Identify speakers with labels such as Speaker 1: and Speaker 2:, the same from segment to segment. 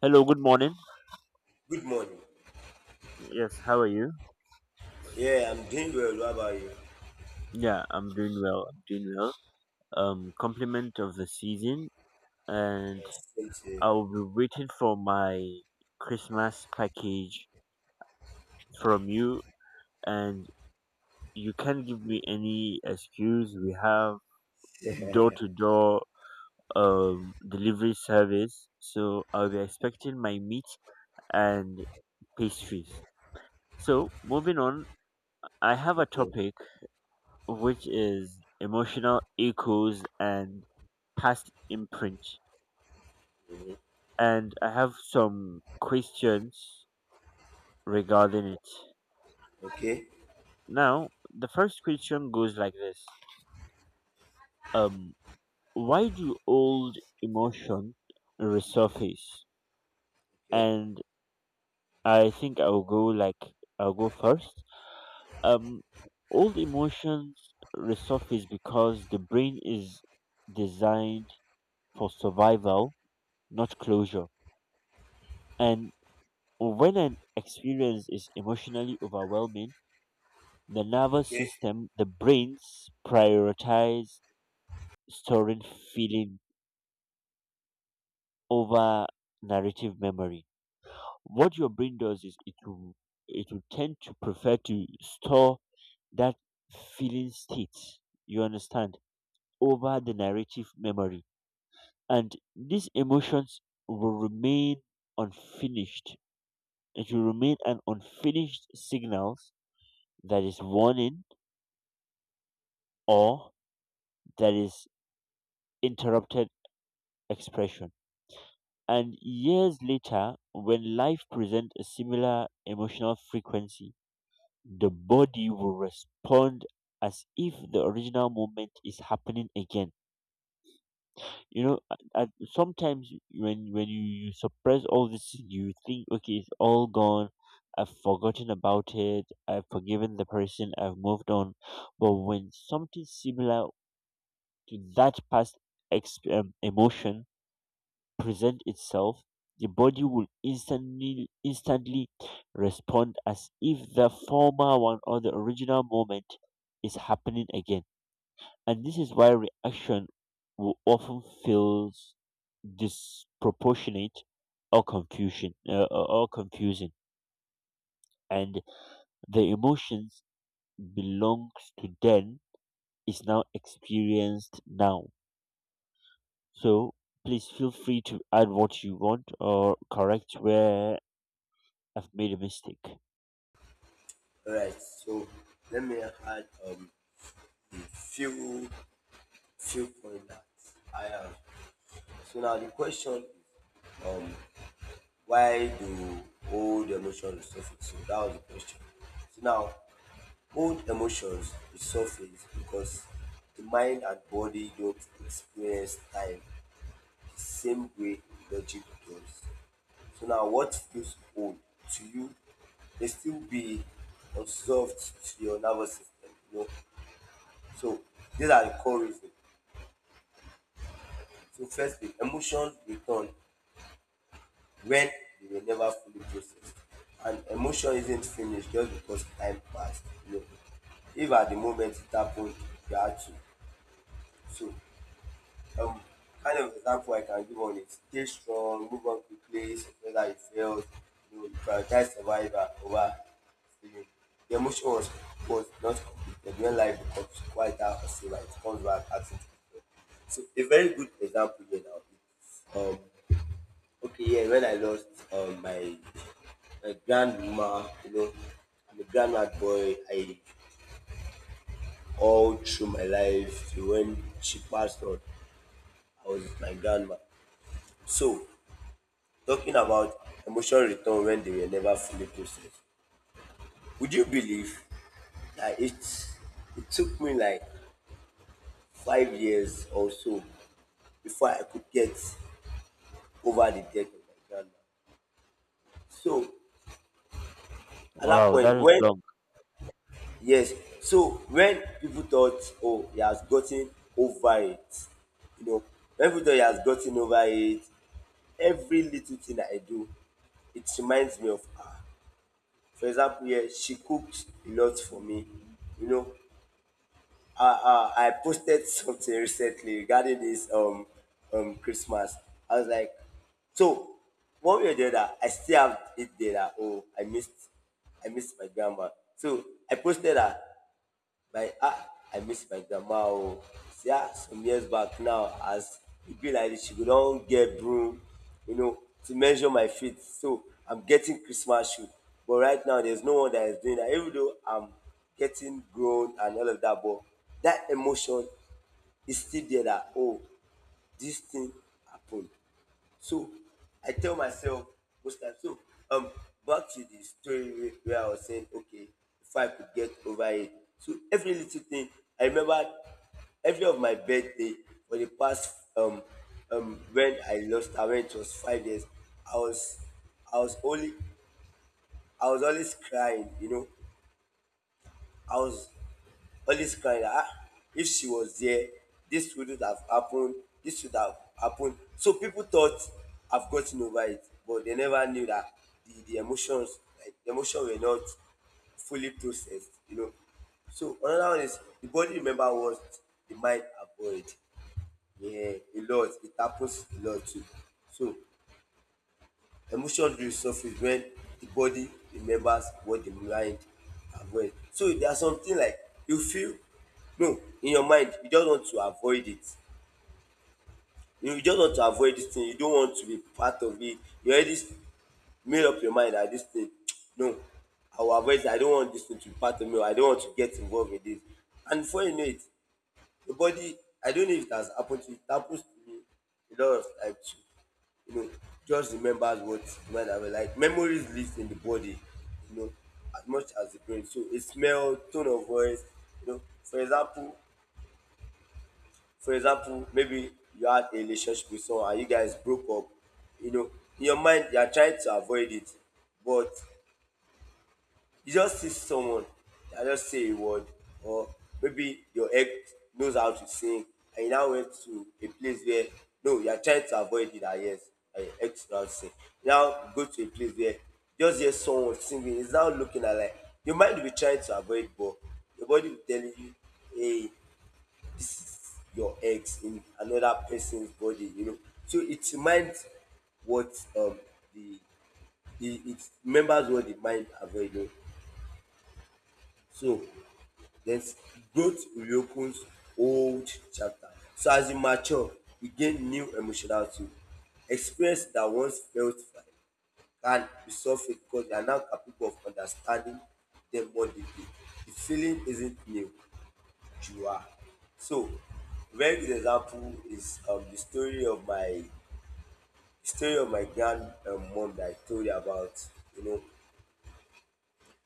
Speaker 1: Hello, good morning.
Speaker 2: Good morning.
Speaker 1: Yes, how are you?
Speaker 2: Yeah, I'm doing well. What about you?
Speaker 1: Yeah, I'm doing well. Compliment of the season, and
Speaker 2: Yes, same to you.
Speaker 1: I'll be waiting for my Christmas package from you. And you can't give me any excuse. We have door to door delivery service, so I'll be expecting my meat and pastries. So moving on, I have a
Speaker 2: Okay,
Speaker 1: topic which is emotional echoes and past imprint. And I have some questions regarding it.
Speaker 2: okay,
Speaker 1: Now, the first question goes like this. Um, why do old emotion resurface?
Speaker 2: okay,
Speaker 1: And I think I'll go like I'll go first. Um, Old emotions resurface because the brain is designed for survival, not closure. And when an experience is emotionally overwhelming, the nervous
Speaker 2: okay.
Speaker 1: system, the brains prioritize storing feeling over narrative memory. What your brain does is it will tend to prefer to store that feeling state, you understand, over the narrative memory. And these emotions will remain unfinished. It will remain an unfinished signals that is warning or there is interrupted expression. And years later, when life presents a similar emotional frequency, the body will respond as if the original moment is happening again. You know, sometimes when you suppress all this, you think, okay, it's all gone. I've forgotten about it. I've forgiven the person. I've moved on. But when something similar to that past emotion presents itself, the body will instantly respond as if the former one or the original moment is happening again. And this is why reaction will often feels disproportionate or confusion or confusing. And the emotions belongs to then is now experienced now. So please feel free to add what you want or correct where I've made a mistake.
Speaker 2: All right. So let me add a few points that I have. So now the question is, um why do old emotions surface? So that was the question. So now old emotions resurface because the mind and body don't experience time the same way logic does. So now, what feels old to you may still be unsolved to your nervous system. You know, so these are the core reasons. So firstly, emotions return when they were never fully processed, and emotion isn't finished just because time passed. You know, if at the moment it happened, you had to. So um kind of example I can give on it. Stay strong, move on quickly, surprise that you failed, you know, you prioritize survival over feeling. The emotion was not completed when life becomes quieter or safer, it comes back asking to be heard. So a very good example here now is okay, yeah, when I lost my grandma, you know, I'm a grandma boy, I all through my life till when she passed on, I was with my grandma. So talking about emotional return when they were never fully processed. Would you believe that it took me like 5 years or so before I could get over the death of my grandma. So at that
Speaker 1: Wow,
Speaker 2: point
Speaker 1: that is
Speaker 2: when,
Speaker 1: long.
Speaker 2: yes, so when people thought oh he has gotten over it, you know, when people thought he has gotten over it, every little thing that I do it reminds me of her. For example, yeah, she cooked a lot for me, you know, I posted something recently regarding this um Christmas. I was like, so one way or the other, I still have it there. That, oh, I missed my grandma. So I posted that my ah I miss my grandma oh. See ah some years back now as it be like dis she go don get broom, you know, to measure my feet so I'm getting Christmas shoe but right now there's no one that is doing that. Even though I'm getting grown and all of that, but that emotion is still there. That oh this thing happened. So I tell myself most times. So um, back to the story where I was saying, okay, if I could get over it. So every little thing, I remember every of my birthday for the past when I lost her when it was 5 years, I was I was only I was always crying, you know. I was always crying that ah, if she was there, this wouldn't have happened, this would have happened. So people thought I've gotten over it, but they never knew that the emotions, like the emotion were not fully processed, you know. So another one is the body remember what the mind avoid. Yeah, a lot. It happens a lot too. So emotion resurface when the body remembers what the mind avoid. So there are something like you feel, no, in your mind you just want to avoid it. You just want to avoid this thing. You don't want to be part of it. You already made up your mind that this thing, no, I will avoid it. I don't want this thing to be part of me or I don't want to get involved in this. And before you know it, the body, I don't know if it has happened to you. It happens to me a lot of times too. You know, just remembers what when I was like. Memories lives in the body, you know, as much as the brain. So a smell, tone of voice, you know. For example, maybe you had a relationship with someone and you guys broke up. You know, in your mind you are trying to avoid it, but you just see someone and just say a word, or maybe your ex knows how to sing, and you now went to a place where, no, you are trying to avoid it. Ah, yes, and your ex knows how to sing. Now you go to a place where you just hear someone singing. It's now looking at like your mind will be trying to avoid, but your body will tell you, hey, this is your ex in another person's body. You know, so it reminds what um the the it remembers what the mind avoided. So then growth reopens old chapters. So as you mature, you gain new emotional tools. Experience that once felt far can be softened because you are now capable of understanding them more deeply. The feeling isn't new, you are. So very good example is the story of my grand mom that I told you about. You know,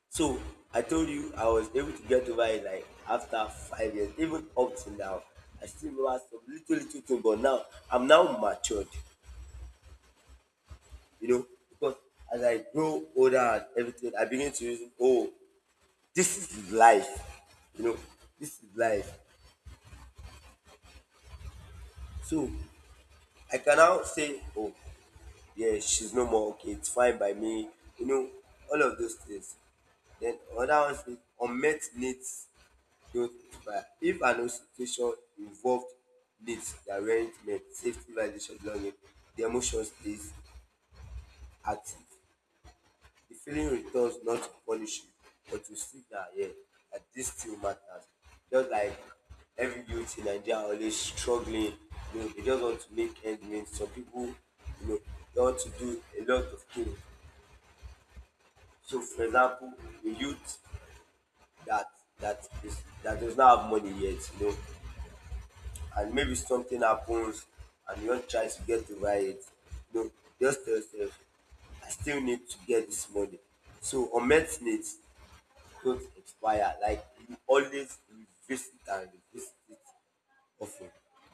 Speaker 2: so I told you I was able to get over it like after 5 years, even up to now. I still remember some little little thing, but now I'm now matured, you know, because as I grow older and everything, I begin to reason, oh, this is life, you know, this is life. So I can now say, oh, yeah, she's no more okay, it's fine by me, you know, all of those things. Then other ones is unmet needs growth by if an institution involved needs the arrangement safety violation belonging the emotion stays active, the feeling returns not to punish you but to signal, yeah, that this still matters, just like every youth in Nigeria are always struggling. You know, they just want to make ends meet, some people, you know, they want to do a lot of things. So for example, a youth that that is that does not have money yet, you know, and maybe something happens and you want to try to get over it, no, just tell yourself I still need to get this money. So unmet needs don't expire, like you always revisit and revisit it often.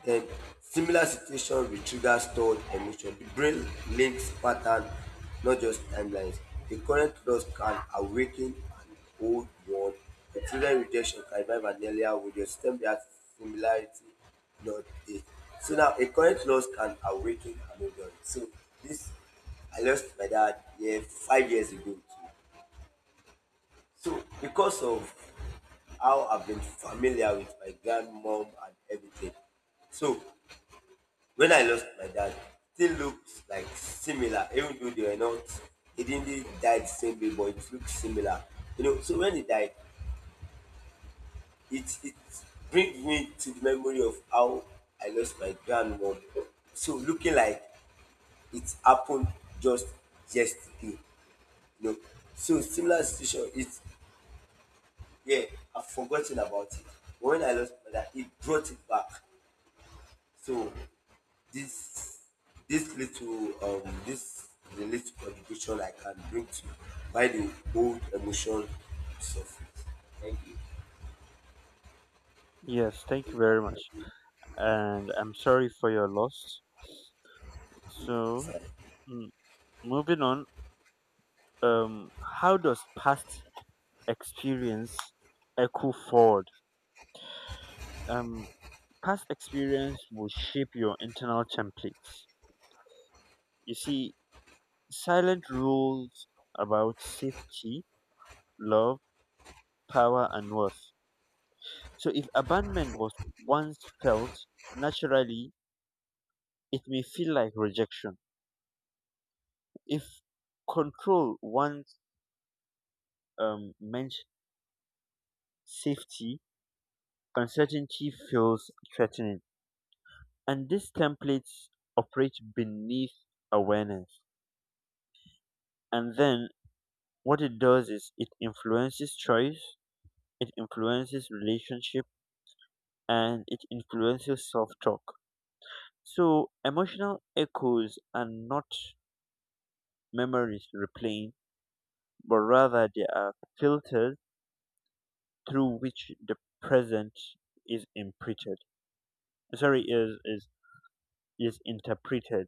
Speaker 2: Then similar situation will trigger stored emotion. The brain links pattern, not just timelines. The current loss can awaken an old one. The children rejection can revive an earlier one. The system reacts similarity, not it. So now a current loss can awaken an old one. So this I lost my dad, yeah, 5 years ago. Too. So because of how I've been familiar with my grandmom and everything, so when I lost my dad, still looks like similar, even though they were not. He didn't really die the same way, but it looks similar. You know, so when he died, it brings me to the memory of how I lost my grandmom. So looking like it happened just yesterday. You know, so similar situation. It's, yeah, I've forgotten about it. When I lost my dad, it brought it back. So this this little this the little contribution I can bring to why the old emotion suffered. Thank you.
Speaker 1: Yes, thank you very much. And I'm sorry for your loss. So, mm, moving on, um, how does past experience echo forward? Um, Past experience will shape your internal templates. You see, silent rules about safety, love, power, and worth. So, if abandonment was once felt naturally, it may feel like rejection. If control once meant safety, uncertainty feels threatening. And these templates operate beneath awareness. And then what it does is it influences choice, it influences relationship, and it influences self talk. So emotional echoes are not memories replaying, but rather they are filters through which the present is imprinted. Sorry is interpreted.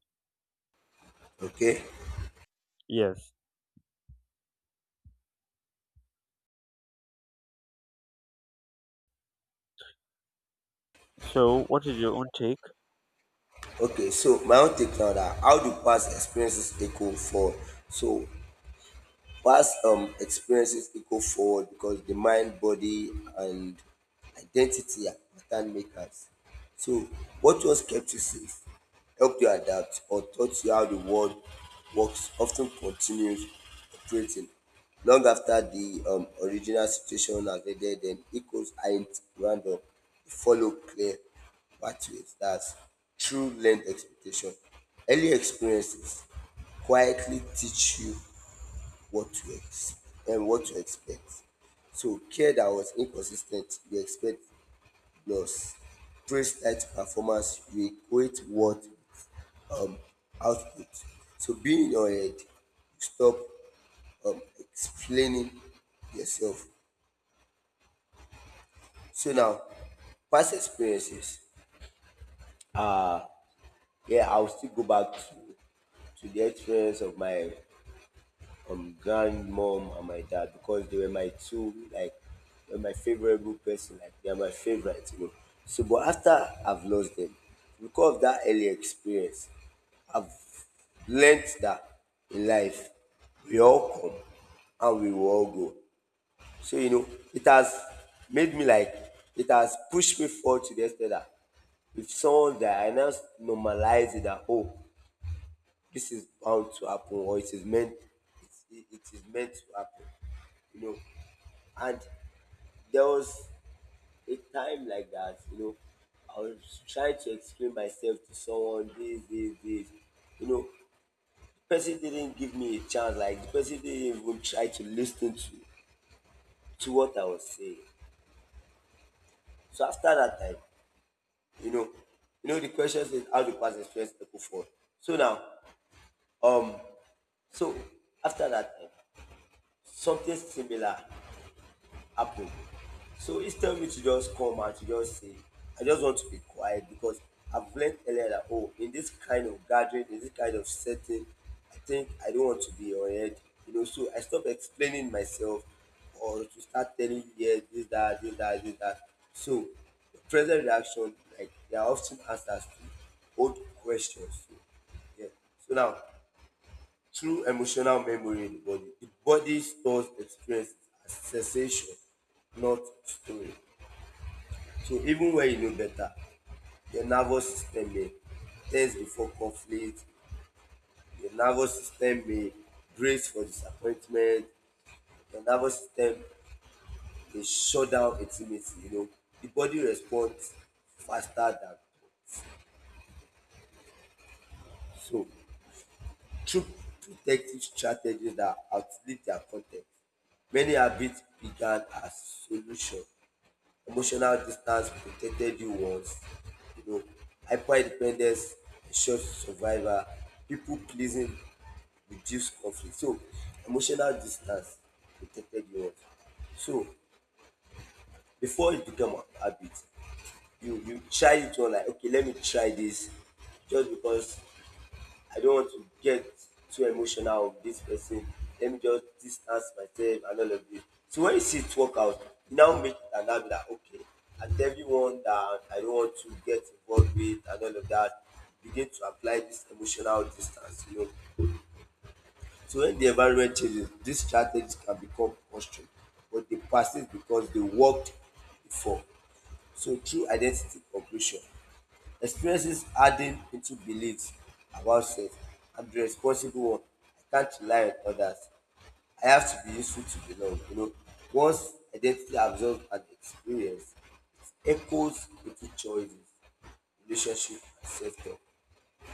Speaker 2: Okay.
Speaker 1: Yes, so what is your own take?
Speaker 2: Okay. So my own take now that how do past experiences echo for, so past experiences echo forward because the mind, body, and identity are pattern makers. So, what once kept you safe, helped you adapt, or taught you how the world works often continues operating long after the original situation has ended. And echoes aren't random; they follow clear pathways. That's true learned expectation. Early experiences quietly teach you what to ex- and what to expect. So care that was inconsistent, we expect loss. Praise tight performance, we equate what um, output. So being in your head, you stop explaining yourself. So now, past experiences, yeah, I'll still go back to the experience of my grandmom and my dad because they were my two, like they were my favorable person, like they are my favorite, you know, so but after I've lost them, because of that early experience, I've learnt that in life we all come and we will all go, so you know it has made me like it has pushed me forward to the extent that if someone die I now normalize it that oh this is how to happen or it is meant, it is meant to happen, you know. And there was a time like that, you know, I was trying to explain myself to someone, this you know, the person didn't give me a chance, like the person didn't even try to listen to what I was saying. So after that time, you know, you know the question is how the past experience people for. So now, um so after that time something similar happen. So each time me to just come and to just say, I just want to be quiet because I've learned earlier that oh, in this kind of gathering, in this kind of setting, I think I don't want to be heard. You know, so I stop explaining myself or to start telling you yeah, this, that, this, that, this, that. So the present reaction, like they are often answers to old questions. So, yeah. So now through emotional memory in the body stores experience as sensation, not story. So even when you know better, your nervous system may tense before conflict, your nervous system may brace for disappointment, your nervous system may shut down intimacy, you know. The body responds faster than so through protective strategies that outlive their context. Many habits began as solution. Emotional distance protected you once, you know. Hyper-independence ensures survival. People-pleasing reduce conflict. So emotional distance protected you once. So before it become a habit, you try it on like okay, let me try this just because I don't want to get too emotional with this person. Let me just distance myself and all of this. So when you see it work out, you now make it an habit that okay, and everyone that I don't want to get involved with and all of that, begin to apply this emotional distance, you know. So when the environment changes, these strategies can become postured, but they persist because they worked before. So true identity completion. Experiences adding into beliefs about self. I'm the responsible one. I can't rely on others. I have to be useful to belong. You know, once identity absorbed and experienced, echoes into choices, relationship, and self-talk.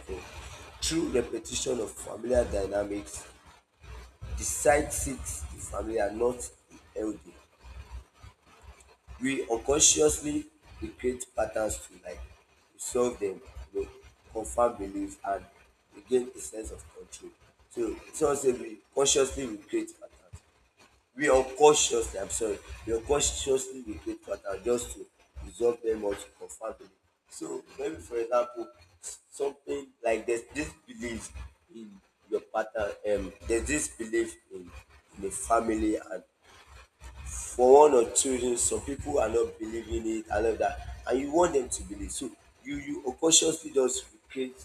Speaker 2: So, through repetition of familiar dynamics, the site seeks the familiar, not the elder. We unconsciously we create patterns to like resolve them, you know, confirm beliefs and we gain a sense of control. So someone say we consciously we create patterns. We unconsciously, I'm sorry, we unconsciously we create patterns just to resolve them or to confirm belief. So maybe for example, something like there's this belief in your partner, there's this belief in a family and for one or two reasons some people are not believing it and all that and you want them to believe, so you unconsciously just recreate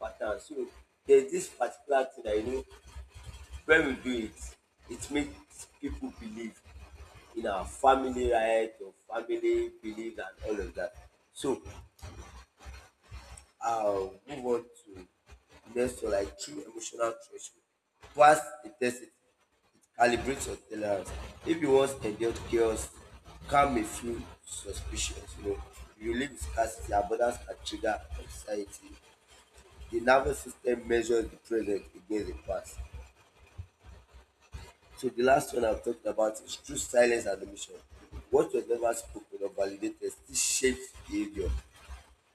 Speaker 2: pattern. So there's this particular thing that you know, when we do it, it makes people believe in our family, right, or family belief and all of that. So I'll move on to next one like true emotional threshold, pass the test, calibrate your tolerance. If you wan endure chaos, calm may feel suspicious, you know. You live in scarcity, abundance can trigger anxiety. The nervous system measures the present against the past. So the last one I'm talking about is through silence and omission. What was never spoken or validated still shapes behavior.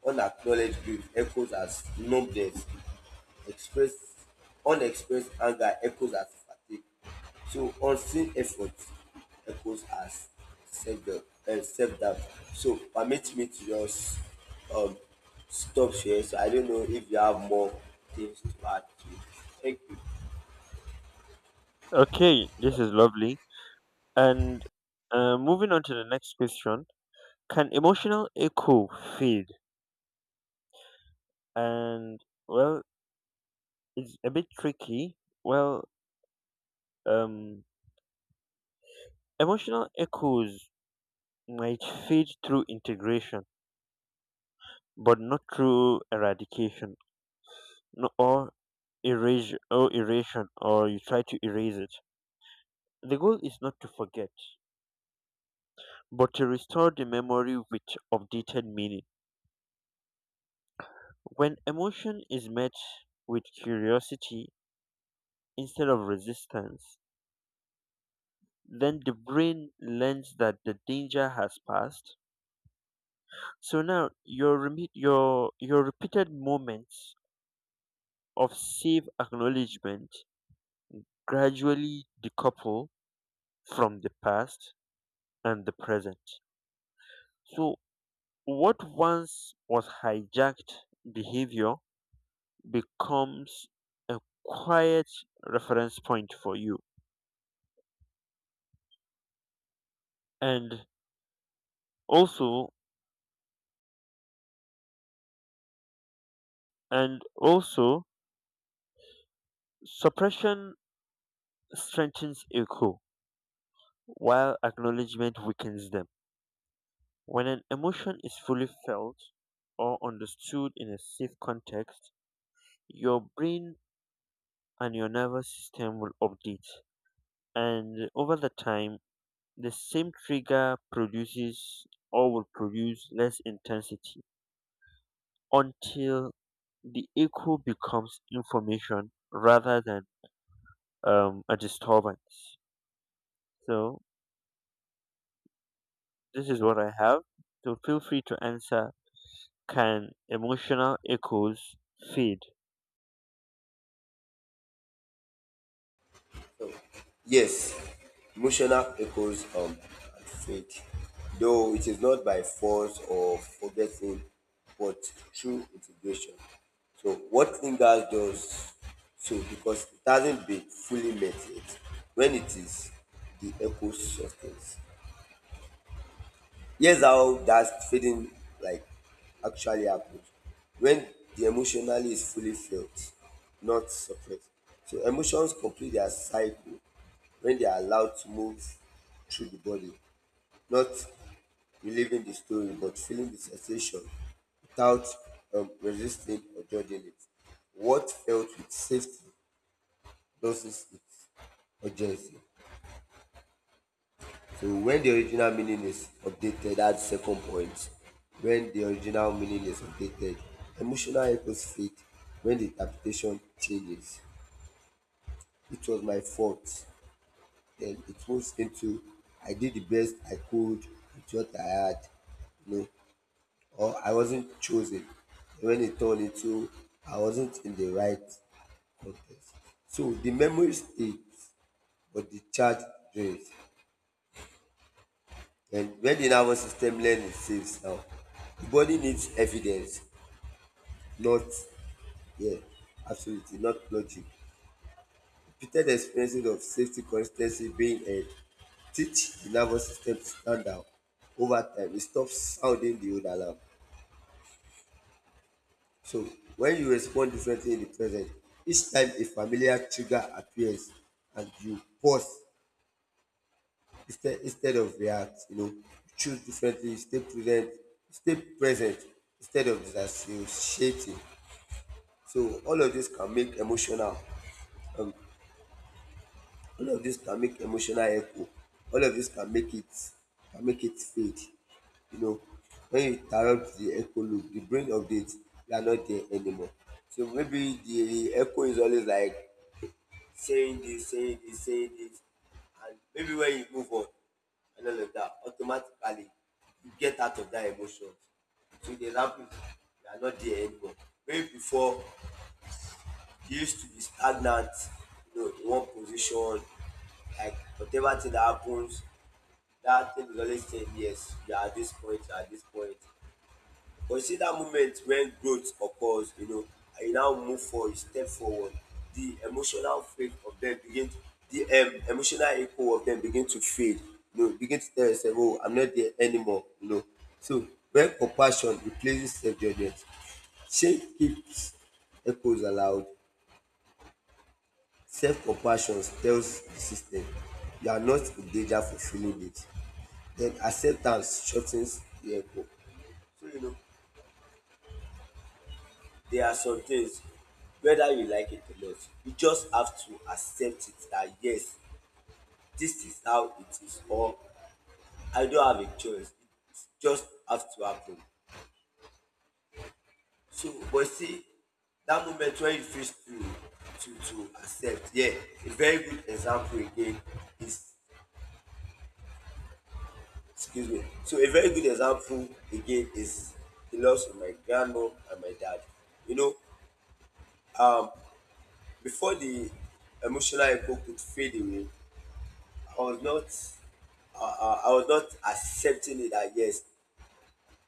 Speaker 2: Unacknowledged grief echoes as numbness. Expressed unexpressed anger echoes as fatigue. So unseen effort echoes as self doubt, self doubt. So permit me to just um stop here. So I don't know if you have more things to add to it. Thank you.
Speaker 1: Okay, this is lovely, and moving on to the next question, can emotional echo fade? And well, it's a bit tricky. Well, um emotional echoes might fade through integration but not through eradication no, or erasure or erasure, or you try to erase it. The goal is not to forget but to restore the memory with updated meaning. When emotion is met with curiosity instead of resistance, then the brain learns that the danger has passed. So now your reme- your repeated moments of safe acknowledgement gradually decouple from the past and the present. So what once was hijacked behavior becomes a quiet reference point for you. And also and also suppression strengthens echo while acknowledgement weakens them. When an emotion is fully felt or understood in a safe context, your brain and your nervous system will update, and over the time the same trigger produces or will produce less intensity until the echo becomes information rather than a disturbance. So this is what I have. So feel free to answer. Can emotional echoes fade?
Speaker 2: Yes, emotional echoes and fake, though it is not by force or forgetting, but through integration. So what lingers does so because it hasn't been fully met yet. When it is, the echo softens. Here's how that feeling like actually happens when the emotionally is fully felt, not suppressed. So emotions complete their cycle when they are allowed to move through the body, not reliving the story but feeling the sensation without resisting or judging it. What felt with safety doesn't with urgency. So when the original meaning is updated, that's the second point. When the original meaning is updated, emotional echoes fade when the interpretation changes. It was my fault. Then it moves into I did the best I could with what I had, you know, or I wasn't chosen. When it turned into I wasn't in the right context. So the memory stays, but the charge drains. And when the nervous system learns saves now, the body needs evidence, not yeah, absolutely not logic. Repeated experiences of safety consistency being held teach the nervous system to stand out over time. It stops sounding the old alarm. So when you respond differently in the present, each time a familiar trigger appears and you pause instead of react, you know, choose differently, stay present, stay present instead of disassociating. So all of this can make emotional, um, all of this can make emotional echo, all of this can make it, can make it fade, you know. When you interrupt the echo loop, the brain updates. They are not there anymore. So maybe the echo is always like saying this, saying this, saying this, and maybe when you move on and all of that, automatically you get out of that emotion. So they ramp it, you are not there anymore. Maybe before you used to be stagnant, you know, in one position, like whatever thing that happens, that thing is always saying yes, you are at this point, you are at this point. Consider moment when growth occurs, you know, and you now move forward, you step forward. The emotional fate of them begin to, the emotional echo of them begin to fade. You know, begin to tell yourself, oh, I'm not there anymore. You know, so when compassion replaces self-judgment, shame keeps echoes allowed. Self-compassion tells the system you are not in danger for feeling it. Then acceptance shortens the echo. So, you know, there are some things whether you like it or not, you just have to accept it that yes, this is how it is, or I don't have a choice, it just have to happen. So but see, that moment when you feel to to accept, yeah, a very good example again is, excuse me, so a very good example again is the loss of my grandmum and my dad, you know. Before the emotional echo could fade away, I was not I was not accepting it that yes,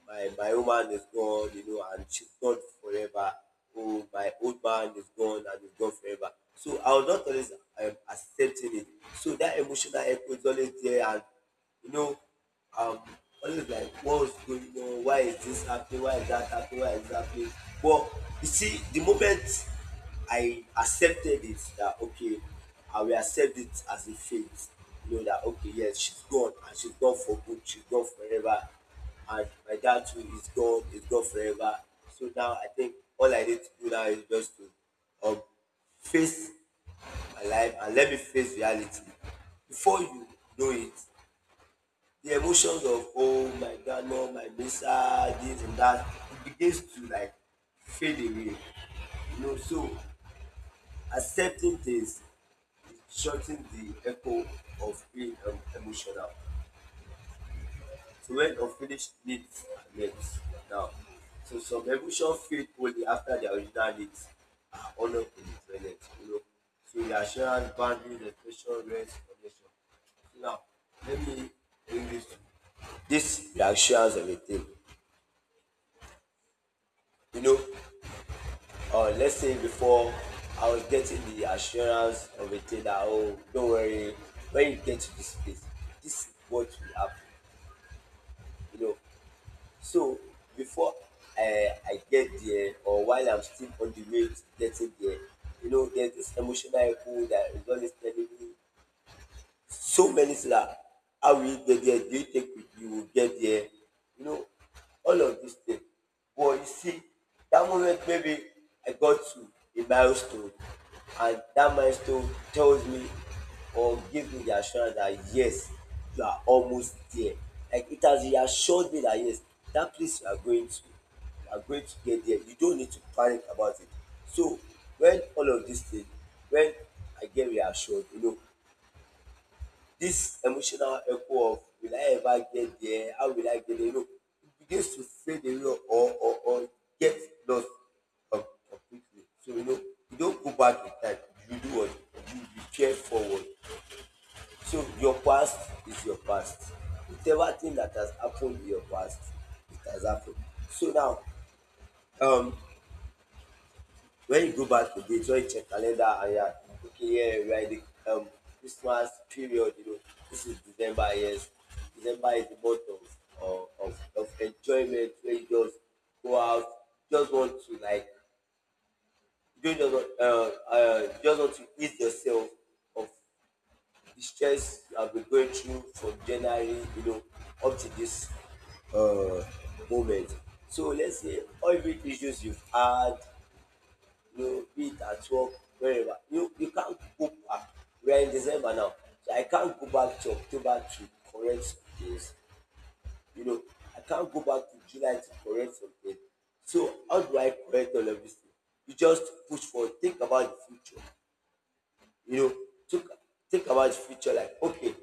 Speaker 2: my woman is gone, you know, and she's gone forever. Oh, my old man is gone and he's gone forever. So I was not always accepting it. So that emotional echo is always there, and you know, um, always like, what's going on? Why is this happening? Why is that happening? Why is that happening? But you see, the moment I accepted it, that okay, I will accept it as a fate. You know that okay, yes, she's gone and she's gone for good. She's gone forever, and my dad too is gone, is gone forever. So now I think all I need to do now is just to um face my life and let me face reality. Before you know it, the emotions of oh my god, no, my visa, this and that, it begins to like fade away, you know. So accepting things is shortening the echo of being, emotional to end of finished needs are met now. So some evolution fade only after their original needs are honored in the present, you know. So reassurance, boundary, restoration, rest, connection. So now, let me bring this to this reassurance of a thing. You know, let's say before I was getting the assurance of a thing that, oh, don't worry, when you get to this place, this is what will happen. You know, so before I get there or while I'm still on the way to getting there, you know, there's this emotional echo that is always telling me so many things that how will you get there? Do you take with you will get there? You know, all of these things. But you see, that moment maybe I got to a milestone, and that milestone tells me or gives me the assurance that yes, you are almost there. Like it has reassured me that yes, that place you are going to, you are going to get there. You don't need to panic about it. So when all of these things, when I get reassured, you know, this emotional echo of will I ever get there? How will I get there? You, it begins to fade away or or get lost completely. So you know, you don't go back in time. You do what, you repair forward. So your past is your past. Whatever thing that has happened in your past, it has happened. So now, um, when you go back again, just check calendar and yeah, okay, yeah, we are in the Christmas period, you know, this is December, yes. December is the month of, of enjoyment where you just go out, just want to like, you don't just want to ease yourself of the stress you have been going through from January, you know, up to this uh, moment. So let's say all the issues you've had, you eat at work, wherever. You can't go back. We are in December now. So I can't go back to October to correct things. You know, I can't go back to July to correct something. So how do I correct all of this thing? You just push forward, think about the future. You know, think, think about the future like okay,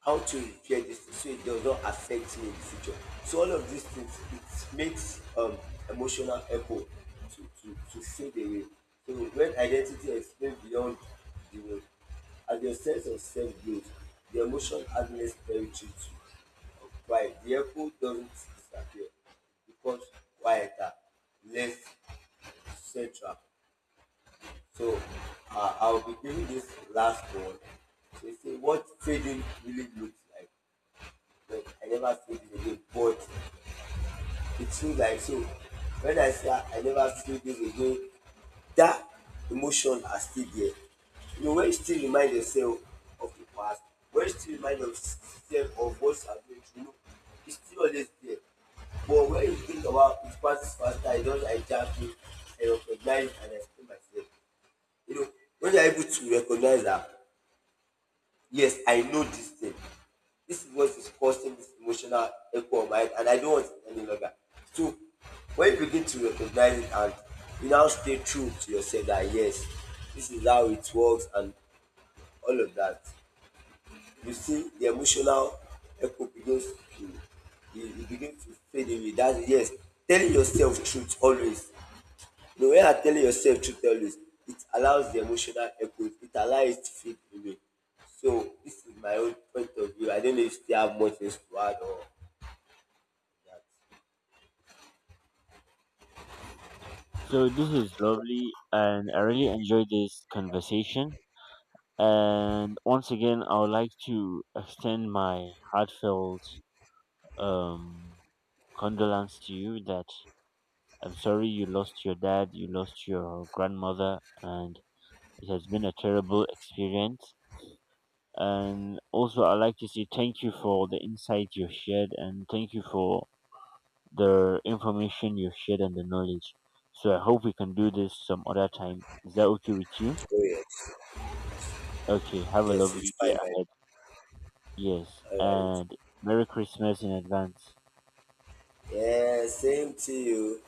Speaker 2: how to repair this thing so it does not affect me in the future. So all of these things it makes emotional echo to fade away. So when identity extends beyond the will, as your sense of self grows, the emotion hardness territory to occupy. The echo doesn't disappear. It becomes quieter, less central. So I'll be giving this last one. So you say what trading really looks like but I never feel this again. But it seems like so. When I say I never feel this again, that emotion are still there. You know, when you still remind yourself of the past, when you still remind yourself of what you are going through, you know, it's still always there. But when you think about it passes faster, I just hijack it, I recognize and explain myself. You know, when you are able to recognize that yes, I know this thing. This is what is causing this emotional echo on my head, and I don't want it any longer. So when you begin to recognize it and you now stay true to yourself that yes, this is how it works and all of that, you see the emotional echo begins to it begins to fade away. That's yes, telling yourself truth always the way I tell yourself, to tell you, it allows the emotional echo, it allows it to fade away. So this is my own point of view. I don't know if you have much things to add or that.
Speaker 1: So this is lovely, and I really enjoyed this conversation. And once again, I would like to extend my heartfelt um, condolence to you that I'm sorry you lost your dad, you lost your grandmother, and it has been a terrible experience. And also, I'd like to say thank you for the insight you shared and thank you for the information you shared and the knowledge. So I hope we can do this some other time. Is that okay with you?
Speaker 2: Oh yes,
Speaker 1: Okay, have a
Speaker 2: yes, it's
Speaker 1: lovely day
Speaker 2: fine, right?
Speaker 1: ahead. Yes,
Speaker 2: All right.
Speaker 1: and Merry Christmas in advance.
Speaker 2: Yeah, same to you.